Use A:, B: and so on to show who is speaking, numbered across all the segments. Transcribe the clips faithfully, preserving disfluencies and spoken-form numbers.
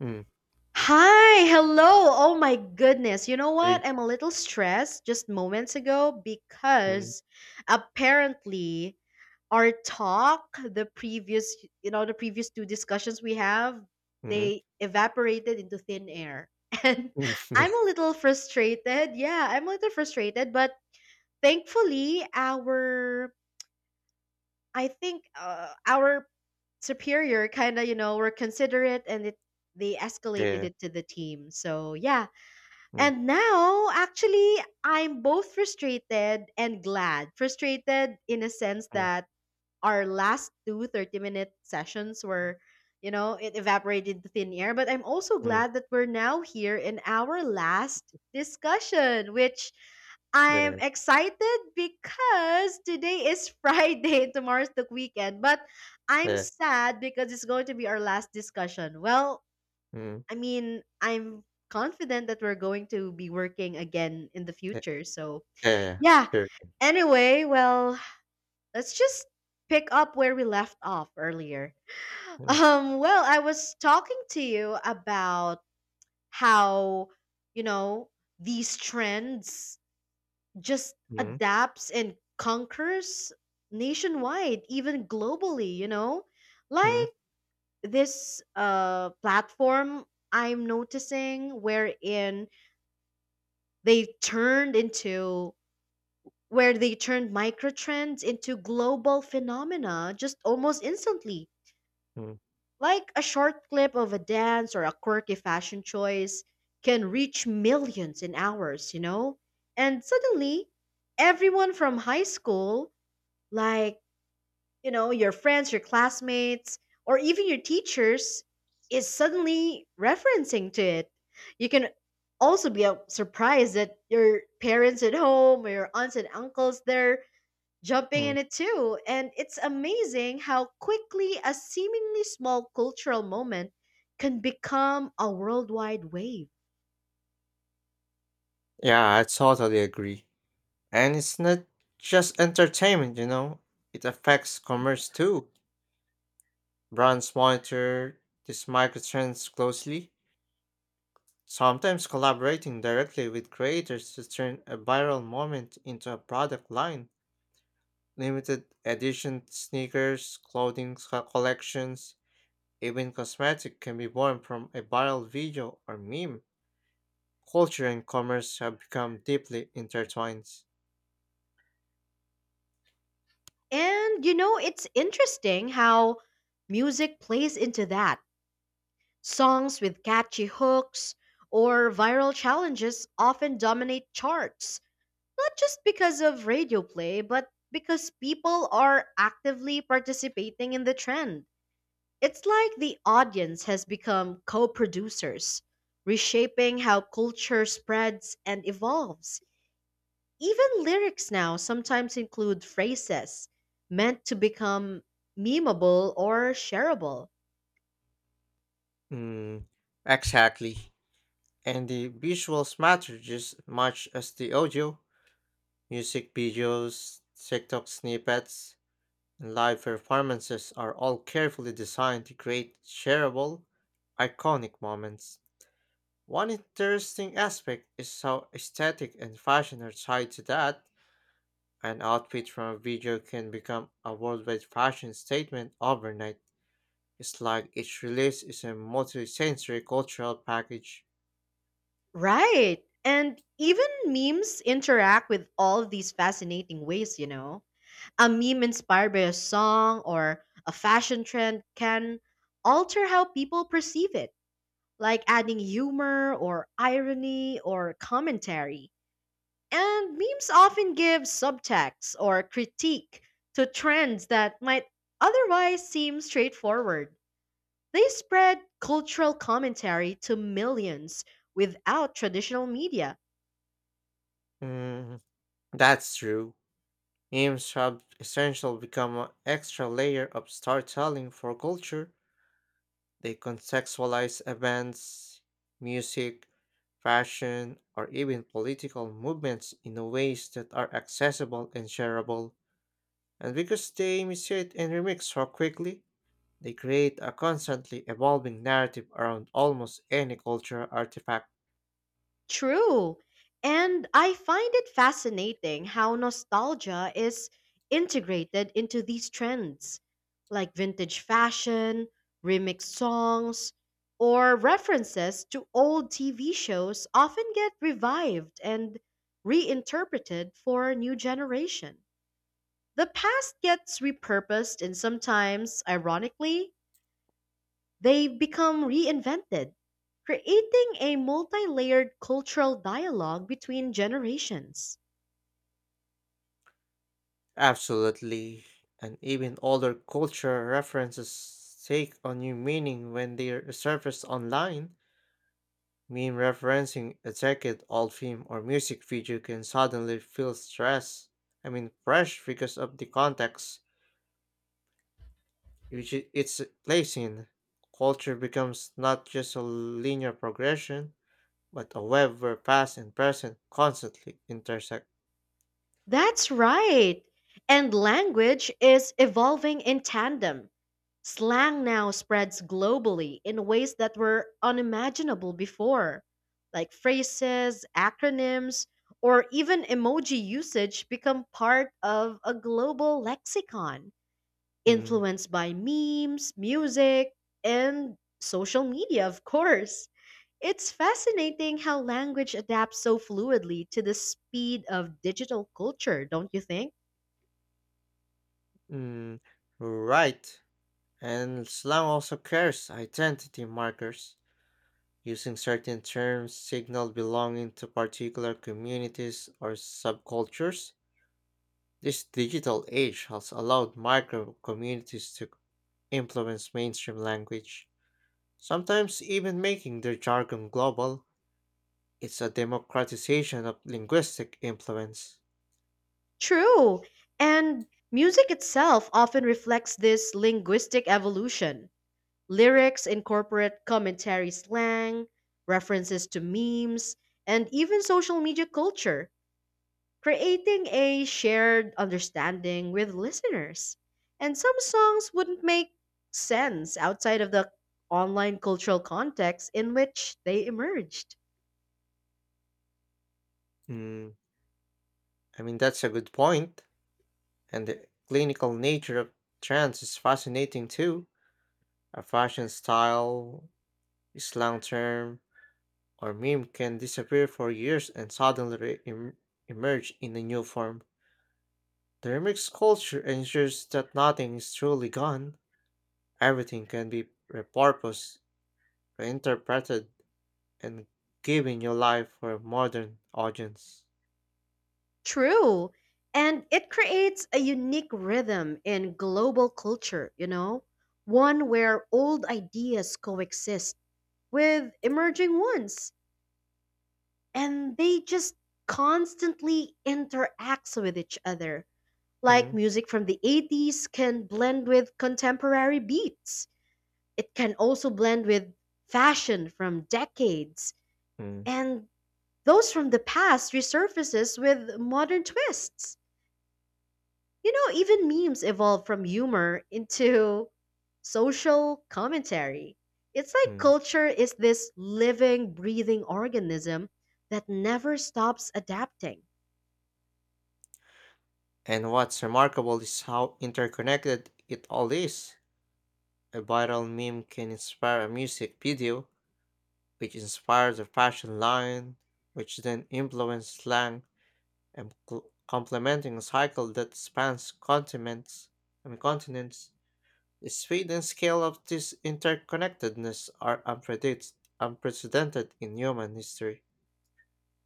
A: 음.
B: Hi, hello. Oh my goodness. You know
A: 이
B: what? I'm a little stressed just moments ago
A: 음.
B: because apparently our talk, the previous, you know, the previous two discussions we have,
A: 음.
B: they evaporated into thin air. And
A: 음 네.
B: I'm a little frustrated. Yeah, I'm a little frustrated, but thankfully our I think uh, our superior kind of, you know, were considerate and it they escalated
A: 네.
B: it to the team. So, yeah.
A: 음.
B: And now actually I'm both frustrated and glad. Frustrated in a sense
A: 음.
B: that our last two thirty minute sessions were, you know, it evaporated to thin air, but I'm also
A: 음.
B: glad that we're now here in our last discussion, which I'm
A: 네.
B: excited because today is Friday. Tomorrow's the weekend, but I'm
A: 네.
B: sad because it's going to be our last discussion. Well,
A: 음.
B: I mean, I'm confident that we're going to be working again in the
A: 네.
B: future, so
A: 네.
B: yeah.
A: Sure.
B: Anyway, well, let's just pick up where we left off earlier. Um, well, I was talking to you about how, you know, these trends just
A: Mm, mm,
B: adapts and conquers nationwide, even globally, you know?
A: mm,
B: Like this uh platform I'm noticing wherein they turned into where they turned micro trends into global phenomena just almost instantly.
A: mm,
B: Like a short clip of a dance or a quirky fashion choice can reach millions in hours, you know? And suddenly, everyone from high school, like, you know, your friends, your classmates, or even your teachers, is suddenly referencing to it. You can also be uh, surprised that your parents at home or your aunts and uncles there jumping
A: mm.
B: in it too. And it's amazing how quickly a seemingly small cultural moment can become a worldwide wave.
A: Yeah, I totally agree. And it's not just entertainment, you know? It affects commerce too. Brands monitor these microtrends closely, sometimes collaborating directly with creators to turn a viral moment into a product line. Limited edition sneakers, clothing co- collections, even cosmetic can be born from a viral video or meme. Culture and commerce have become deeply intertwined.
B: And you know, it's interesting how music plays into that. Songs with catchy hooks or viral challenges often dominate charts, not just because of radio play, but because people are actively participating in the trend. It's like the audience has become co producers, reshaping how culture spreads and evolves. Even lyrics now sometimes include phrases meant to become memeable or shareable.
A: Mm, exactly. And the visuals matter just as much as the audio. Music videos, TikTok snippets, and live performances are all carefully designed to create shareable, iconic moments. One interesting aspect is how aesthetic and fashion are tied to that. An outfit from a video can become a worldwide fashion statement overnight. It's like each release is a multi-sensory cultural package.
B: Right. And even memes interact with all of these fascinating ways, you know. A meme inspired by a song or a fashion trend can alter how people perceive it, like adding humor or irony or commentary. And memes often give subtext or critique to trends that might otherwise seem straightforward. They spread cultural commentary to millions without traditional media.
A: Mm, that's true. Memes have essential become an extra layer of storytelling for culture. They contextualize events, music, fashion, or even political movements in ways that are accessible and shareable. And because they mutate and remix so quickly, they create a constantly evolving narrative around almost any cultural artifact.
B: True. And I find it fascinating how nostalgia is integrated into these trends, like vintage fashion, remix songs, or references to old T V shows often get revived and reinterpreted for a new generation. The past gets repurposed and sometimes, ironically, they've become reinvented, creating a multi layered cultural dialogue between generations.
A: Absolutely. And even older cultural references take on new meaning when they are surfaced online. Meme referencing a decade old film or music video can suddenly feel stress. I mean, fresh because of the context which i- it's placed in. Culture becomes not just a linear progression, but a web where past and present constantly intersect.
B: That's right. And language is evolving in tandem. Slang now spreads globally in ways that were unimaginable before, like phrases, acronyms, or even emoji usage become part of a global lexicon,
A: Mm,
B: influenced by memes, music, and social media, of course. It's fascinating how language adapts so fluidly to the speed of digital culture, don't you think?
A: mm, right. And slang also carries identity markers. Using certain terms signal belonging to particular communities or subcultures. This digital age has allowed micro communities to influence mainstream language, sometimes even making their jargon global. It's a democratization of linguistic influence.
B: True. And music itself often reflects this linguistic evolution. Lyrics incorporate commentary slang, references to memes, and even social media culture, creating a shared understanding with listeners. And some songs wouldn't make sense outside of the online cultural context in which they emerged.
A: Mm, I mean, that's a good point, point. And the clinical nature of trends is fascinating too. A fashion style, slang term, or meme can disappear for years and suddenly re- em- emerge in a new form. Thermix culture ensures that nothing is truly gone. Everything can be repurposed, reinterpreted, and given new life for a modern audience.
B: True. And it creates a unique rhythm in global culture, you know, one where old ideas coexist with emerging ones and they just constantly interact with each other. Like
A: Mm,
B: music from the eighties can blend with contemporary beats. It can also blend with fashion from decades.
A: mm,
B: And those from the past resurfaces with modern twists. You know, even memes evolve from humor into social commentary. It's like
A: mm.
B: culture is this living, breathing organism that never stops adapting.
A: And what's remarkable is how interconnected it all is. A viral meme can inspire a music video, which inspires a fashion line, which then influences slang, and cl- complementing a cycle that spans continents. I mean continents. The speed and scale of this interconnectedness are unpredict- unprecedented in human history.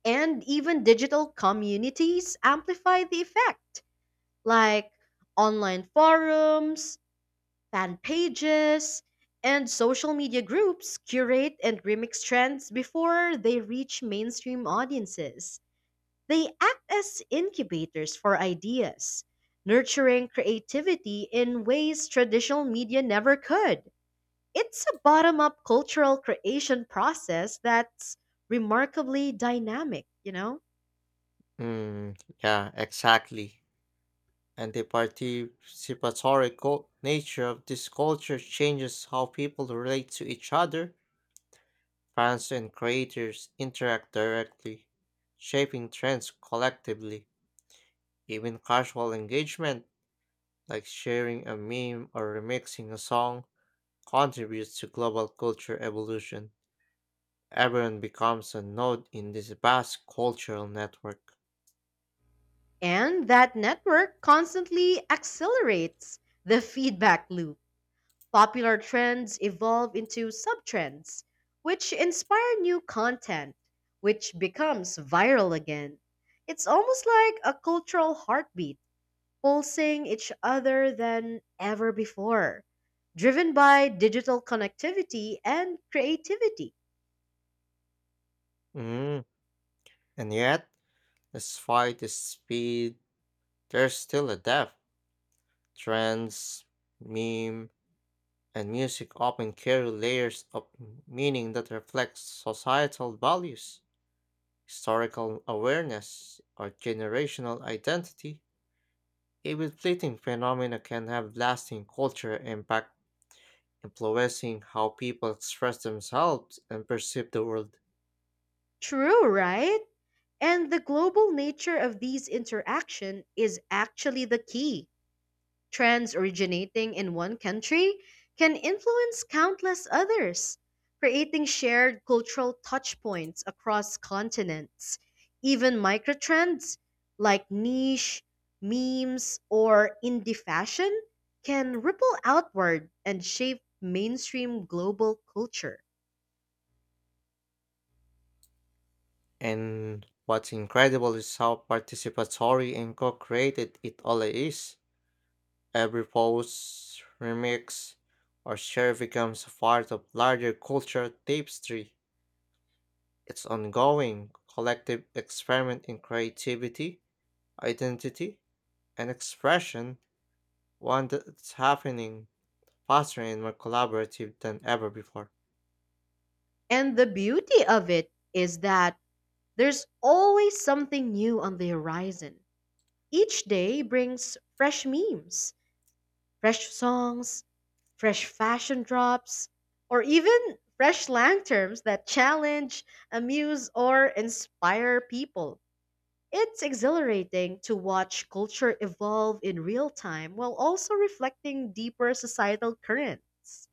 B: And even digital communities amplify the effect, like online forums, fan pages, and social media groups curate and remix trends before they reach mainstream audiences. They act as incubators for ideas, nurturing creativity in ways traditional media never could. It's a bottom up cultural creation process that's remarkably dynamic, you know?
A: Mm, yeah, exactly. And the participatory cul- nature of this culture changes how people relate to each other. Fans and creators interact directly, shaping trends collectively. Even casual engagement, like sharing a meme or remixing a song, contributes to global culture evolution. Everyone becomes a node in this vast cultural network.
B: And that network constantly accelerates the feedback loop. Popular trends evolve into subtrends, which inspire new content, which becomes viral again. It's almost like a cultural heartbeat, pulsing each other than ever before, driven by digital connectivity and creativity.
A: Mm. And yet, despite the speed, there's still a depth. Trends, meme, and music often carry layers of meaning that reflect societal values, historical awareness, or generational identity. Even fleeting phenomena can have lasting cultural impact, influencing how people express themselves and perceive the world.
B: True, right? And the global nature of these interaction is actually the key. Trends originating in one country can influence countless others, creating shared cultural touchpoints across continents. Even microtrends like niche, memes, or indie fashion can ripple outward and shape mainstream global culture.
A: And what's incredible is how participatory and co-created it all is. Every post, remix, or share becomes a part of larger cultural tapestry. It's ongoing collective experiment in creativity, identity, and expression, one that's happening faster and more collaborative than ever before.
B: And the beauty of it is that there's always something new on the horizon. Each day brings fresh memes, fresh songs, fresh fashion drops, or even fresh slang terms that challenge, amuse, or inspire people. It's exhilarating to watch culture evolve in real time while also reflecting deeper societal currents.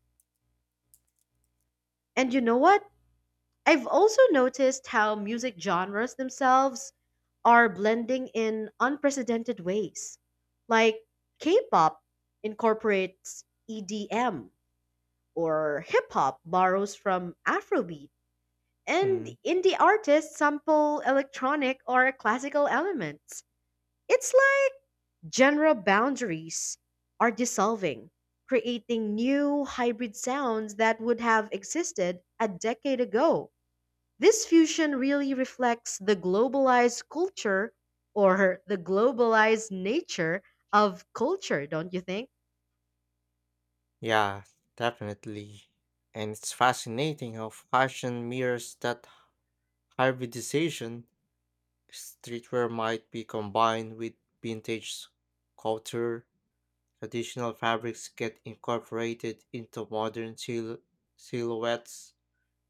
B: And you know what? I've also noticed how music genres themselves are blending in unprecedented ways. Like K pop incorporates E D M, or hip hop borrows from Afrobeat, and
A: Mm,
B: indie artists sample electronic or classical elements. It's like genre boundaries are dissolving, creating new hybrid sounds that would have existed a decade ago. This fusion really reflects the globalized culture, or the globalized nature of culture, don't you think?
A: yeah, definitely. And it's fascinating how fashion mirrors that hybridization. Streetwear might be combined with vintage culture. Traditional fabrics get incorporated into modern sil- silhouettes,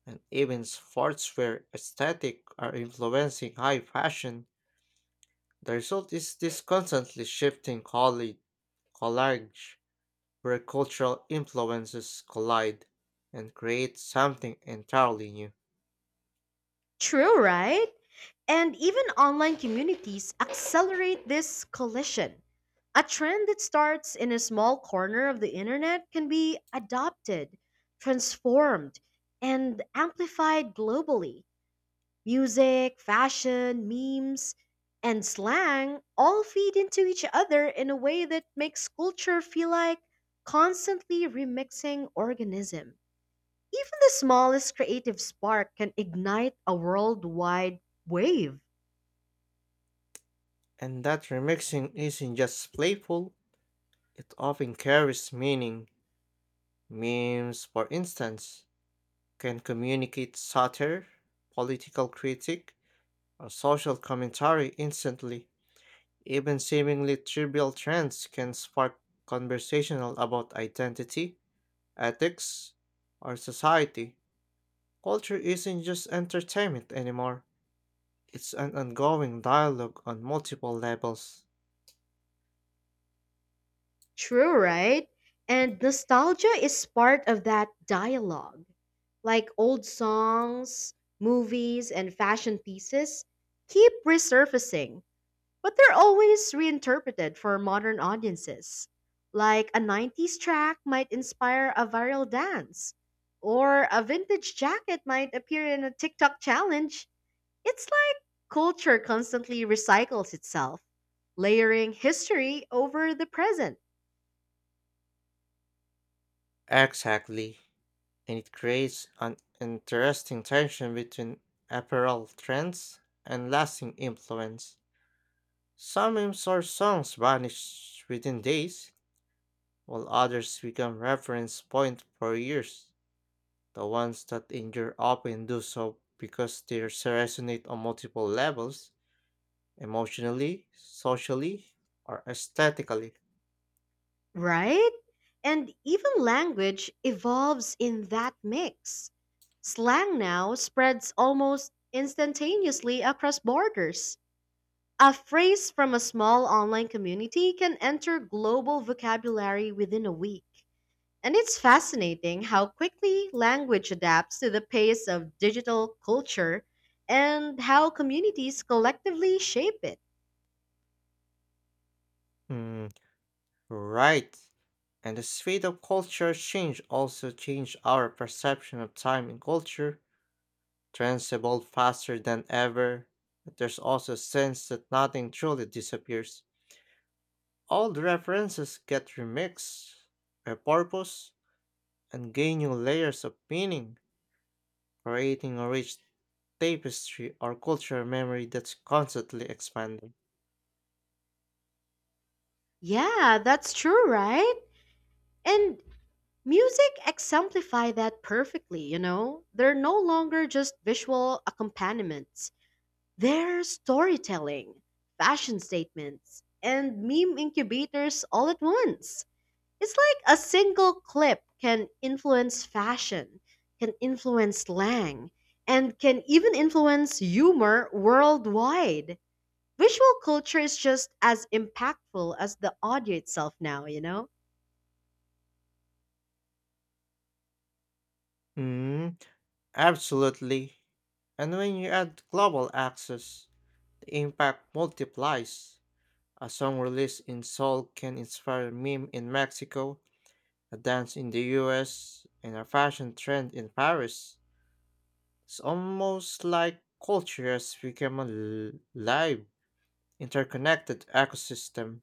A: and even sportswear aesthetic are influencing high fashion. The result is this constantly shifting colli- collage, where cultural influences collide and create something entirely new.
B: True, right? And even online communities accelerate this collision. A trend that starts in a small corner of the internet can be adopted, transformed, and amplified globally. Music, fashion, memes, and slang all feed into each other in a way that makes culture feel like constantly remixing organism. Even the smallest creative spark can ignite a worldwide wave.
A: And that remixing isn't just playful, it often carries meaning. Memes, for instance, can communicate satire, political critique, or social commentary instantly. Even seemingly trivial trends can spark conversational about identity, ethics, or society. Culture isn't just entertainment anymore. It's an ongoing dialogue on multiple levels.
B: True, right? And nostalgia is part of that dialogue. Like old songs, movies, and fashion pieces keep resurfacing, but they're always reinterpreted for modern audiences. Like a nineties track might inspire a viral dance, or a vintage jacket might appear in a TikTok challenge. It's like culture constantly recycles itself, layering history over the present.
A: Exactly. And it creates an interesting tension between apparel trends and lasting influence. Some memes or songs vanish within days, while others become reference point for years. The ones that endure often do so because they resonate on multiple levels, emotionally, socially, or aesthetically.
B: Right? And even language evolves in that mix. Slang now spreads almost instantaneously across borders. A phrase from a small online community can enter global vocabulary within a week. And it's fascinating how quickly language adapts to the pace of digital culture and how communities collectively shape it.
A: Mm, right. And the speed of culture change also change our perception of time and culture. Trends evolve faster than ever, but there's also a sense that nothing truly disappears. Old references get remixed, repurposed, and gain new layers of meaning, creating a rich tapestry or cultural memory that's constantly expanding.
B: Yeah, that's true, right? And music exemplify that perfectly, you know? They're no longer just visual accompaniments. They're storytelling, fashion statements, and meme incubators all at once. It's like a single clip can influence fashion, can influence slang, and can even influence humor worldwide. Visual culture is just as impactful as the audio itself now, you know?
A: Mm, absolutely. And when you add global access, the impact multiplies. A song released in Seoul can inspire a meme in Mexico, a dance in the U S, and a fashion trend in Paris. It's almost like culture has become a l- live, interconnected ecosystem,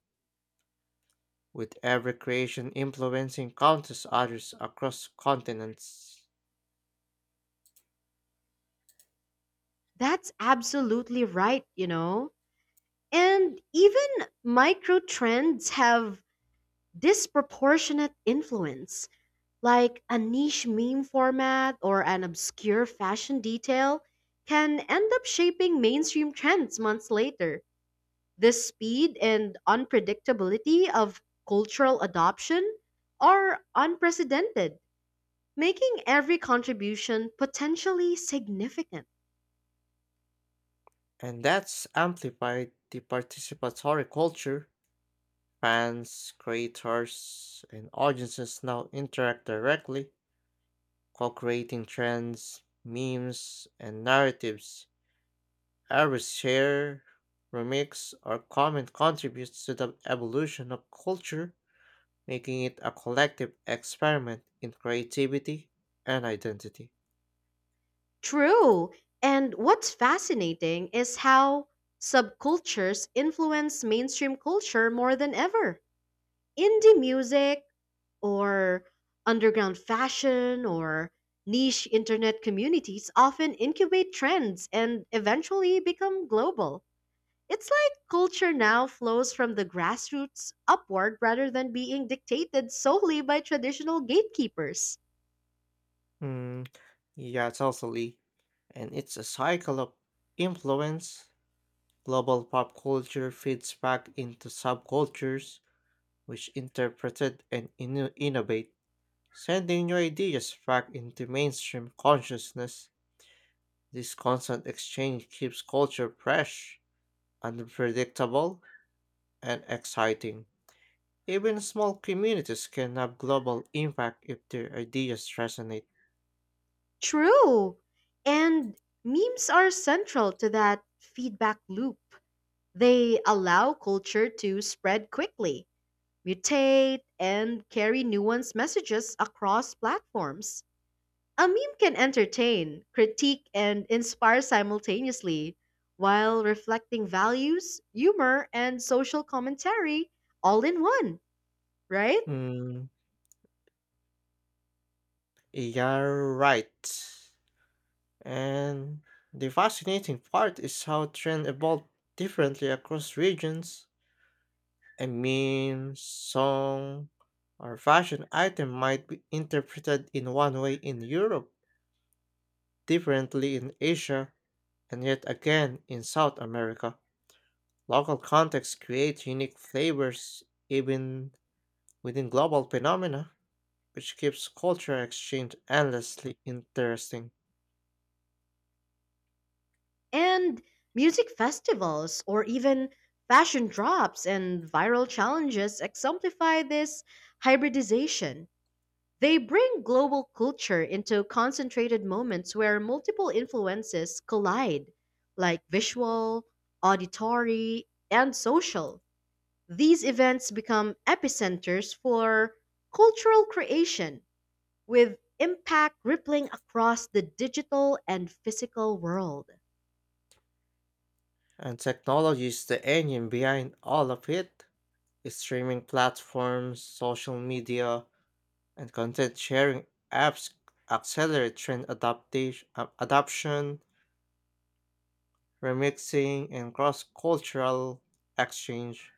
A: with every creation influencing countless others across continents.
B: That's absolutely right, you know? And even micro trends have disproportionate influence, like a niche meme format or an obscure fashion detail can end up shaping mainstream trends months later. The speed and unpredictability of cultural adoption are unprecedented, making every contribution potentially significant.
A: And that's amplified the participatory culture. Fans, creators, and audiences now interact directly, co creating trends, memes, and narratives. Every share, remix, or comment contributes to the evolution of culture, making it a collective experiment in creativity and identity.
B: True. And what's fascinating is how subcultures influence mainstream culture more than ever. Indie music, or underground fashion, or niche internet communities often incubate trends and eventually become global. It's like culture now flows from the grassroots upward rather than being dictated solely by traditional gatekeepers.
A: Mm, yeah, totally. And it's a cycle of influence. Global pop culture feeds back into subcultures, which interpreted and inno- innovate, sending new ideas back into mainstream consciousness. This constant exchange keeps culture fresh, unpredictable, and exciting. Even small communities can have global impact if their ideas resonate.
B: True. And memes are central to that feedback loop. They allow culture to spread quickly, mutate, and carry nuanced messages across platforms. A meme can entertain, critique, and inspire simultaneously while reflecting values, humor, and social commentary all in one, right?
A: Mm, you're right. And the fascinating part is how trends evolve differently across regions. A meme, song, or fashion item might be interpreted in one way in Europe, differently in Asia, and yet again in South America. Local contexts create unique flavors even within global phenomena, which keeps cultural exchange endlessly interesting.
B: And music festivals or even fashion drops and viral challenges exemplify this hybridization. They bring global culture into concentrated moments where multiple influences collide, like visual, auditory, and social. These events become epicenters for cultural creation with impact rippling across the digital and physical world.
A: And technology is the engine behind all of it. Streaming platforms, social media, and content sharing apps accelerate trend adaptation, adoption, remixing, and cross cultural exchange.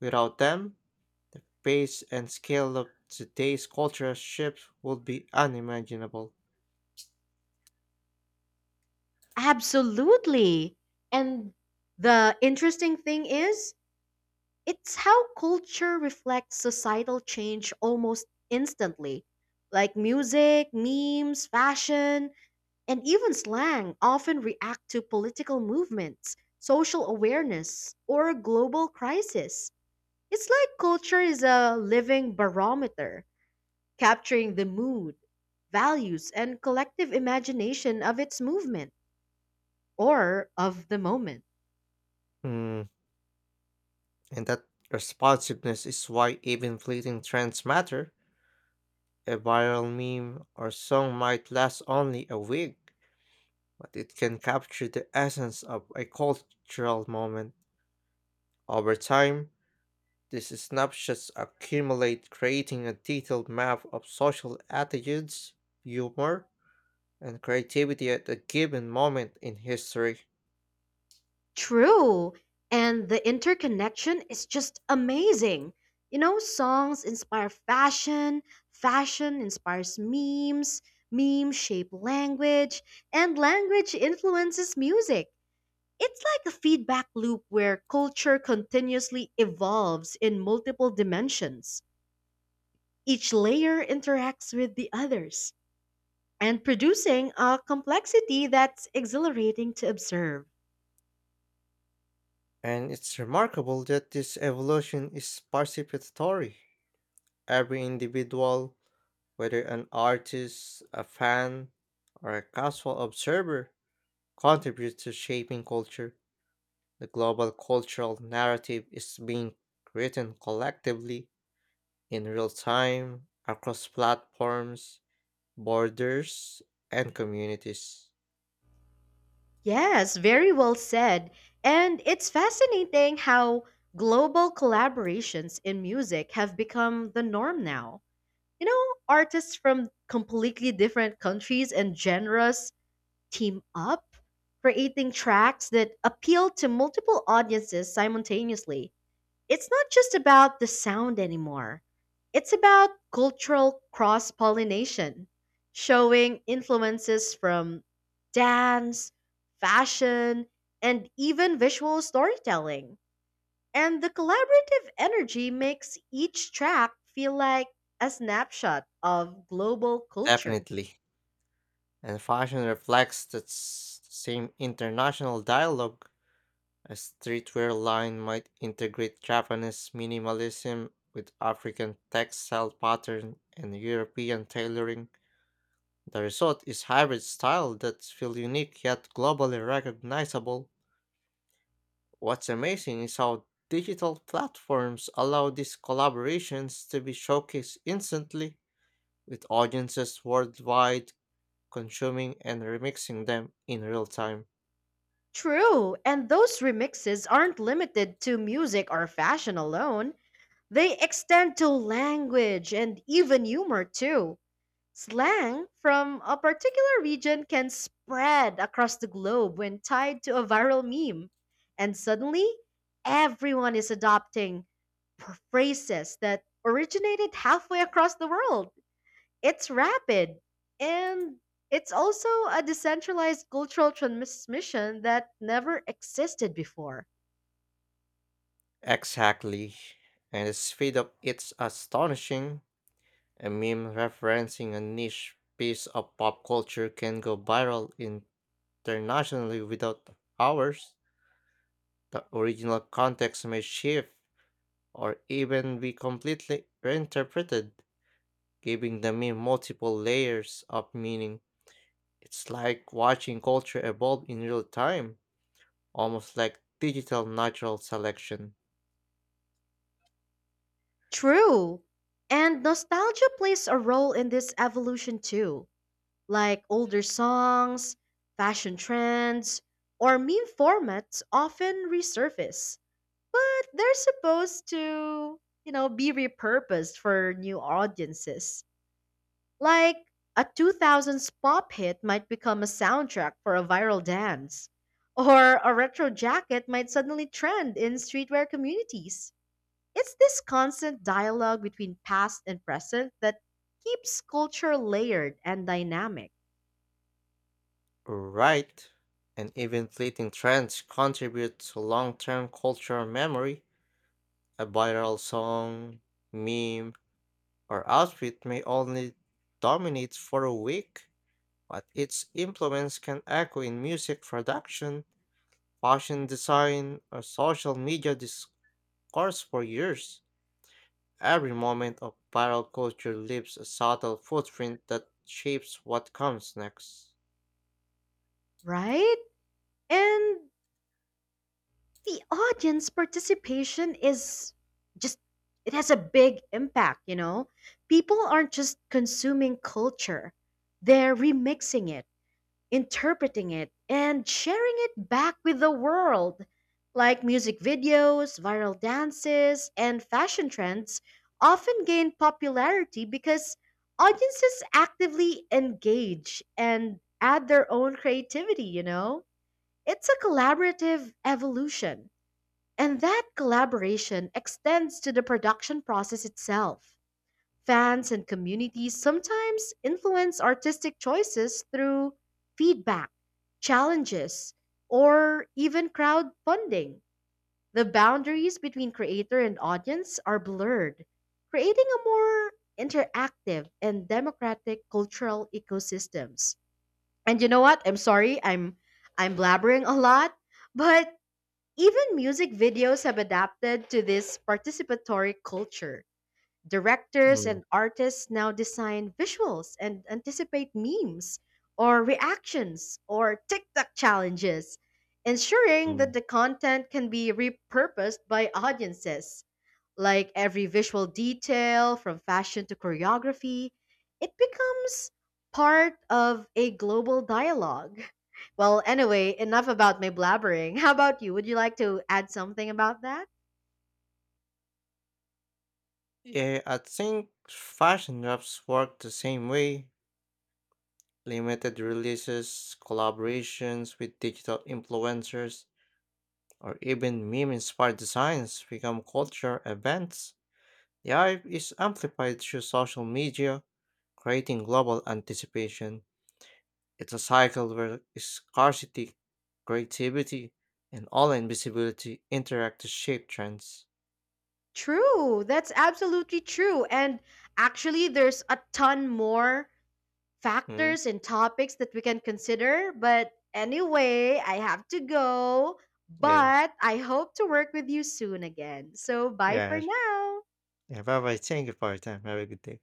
A: Without them, the pace and scale of today's cultural shifts would be unimaginable.
B: Absolutely. And the interesting thing is, it's how culture reflects societal change almost instantly. Like music, memes, fashion, and even slang often react to political movements, social awareness, or global crisis. It's like culture is a living barometer, capturing the mood, values, and collective imagination of its movement or of the moment.
A: Hmm, and that responsiveness is why even fleeting trends matter. A viral meme or song might last only a week, but it can capture the essence of a cultural moment. Over time, these snapshots accumulate, creating a detailed map of social attitudes, humor, and creativity at a given moment in history.
B: True. And the interconnection is just amazing. You know, songs inspire fashion, fashion inspires memes, memes shape language, and language influences music. It's like a feedback loop where culture continuously evolves in multiple dimensions. Each layer interacts with the others and producing a complexity that's exhilarating to observe.
A: And it's remarkable that this evolution is participatory. Every individual, whether an artist, a fan, or a casual observer, contributes to shaping culture. The global cultural narrative is being written collectively in real time across platforms, borders, and communities.
B: Yes, very well said. And it's fascinating how global collaborations in music have become the norm now. You know, artists from completely different countries and genres team up, creating tracks that appeal to multiple audiences simultaneously. It's not just about the sound anymore. It's about cultural cross pollination, showing influences from dance, fashion, and even visual storytelling. And the collaborative energy makes each track feel like a snapshot of global culture.
A: Definitely. And fashion reflects that s- same international dialogue. A streetwear line might integrate Japanese minimalism with African textile pattern and European tailoring. The result is hybrid style that feels unique yet globally recognizable. What's amazing is how digital platforms allow these collaborations to be showcased instantly, with audiences worldwide consuming and remixing them in real time.
B: True, and those remixes aren't limited to music or fashion alone. They extend to language and even humor too. Slang from a particular region can spread across the globe when tied to a viral meme. And suddenly, everyone is adopting pr- phrases that originated halfway across the world. It's rapid. And it's also a decentralized cultural transmission that never existed before.
A: Exactly. And the speed of it's astonishing. A meme referencing a niche piece of pop culture can go viral internationally without ours. The original context may shift or even be completely reinterpreted, giving the meme multiple layers of meaning. It's like watching culture evolve in real time, almost like digital natural selection.
B: True. And nostalgia plays a role in this evolution too. Like older songs, fashion trends, or meme formats often resurface, but they're supposed to, you know, be repurposed for new audiences. Like a two thousands pop hit might become a soundtrack for a viral dance, or a retro jacket might suddenly trend in streetwear communities. It's this constant dialogue between past and present that keeps culture layered and dynamic,
A: Right, and even fleeting trends contribute to long term cultural memory. A viral song, meme, or outfit may only dominate for a week, but its influence can echo in music production, fashion design, or social media discourse for years. Every moment of viral culture leaves a subtle footprint that shapes what comes next.
B: right? And the audience participation is just, it has a big impact, you know? People aren't just consuming culture, they're remixing it, interpreting it, and sharing it back with the world. Like music videos, viral dances, and fashion trends often gain popularity because audiences actively engage and add their own creativity, you know? It's a collaborative evolution, and that collaboration extends to the production process itself. Fans and communities sometimes influence artistic choices through feedback, challenges, or even crowdfunding. The boundaries between creator and audience are blurred, creating a more interactive and democratic cultural ecosystems. And you know what? I'm sorry, I'm I'm blabbering a lot, but even music videos have adapted to this participatory culture. Directors
A: Mm-hmm.
B: and artists now design visuals and anticipate memes or reactions or TikTok challenges, ensuring that the content can be repurposed by audiences. Like every visual detail, from fashion to choreography, it becomes part of a global dialogue. Well, anyway, enough about my blabbering. How about you? Would you like to add something about that?
A: Yeah, I think fashion raps work the same way. Limited releases, collaborations with digital influencers, or even meme inspired designs become culture events. The hype is amplified through social media, creating global anticipation. It's a cycle where scarcity, creativity, and online visibility interact to shape trends.
B: True. That's absolutely true. And actually, there's a ton more
A: Mm,
B: factors and topics that we can consider. But anyway, I have to go.
A: yeah,
B: But I hope to work with you soon again. So, bye for
A: yeah,
B: now.
A: yeah. Bye bye. Thank you for your time. Have a good day.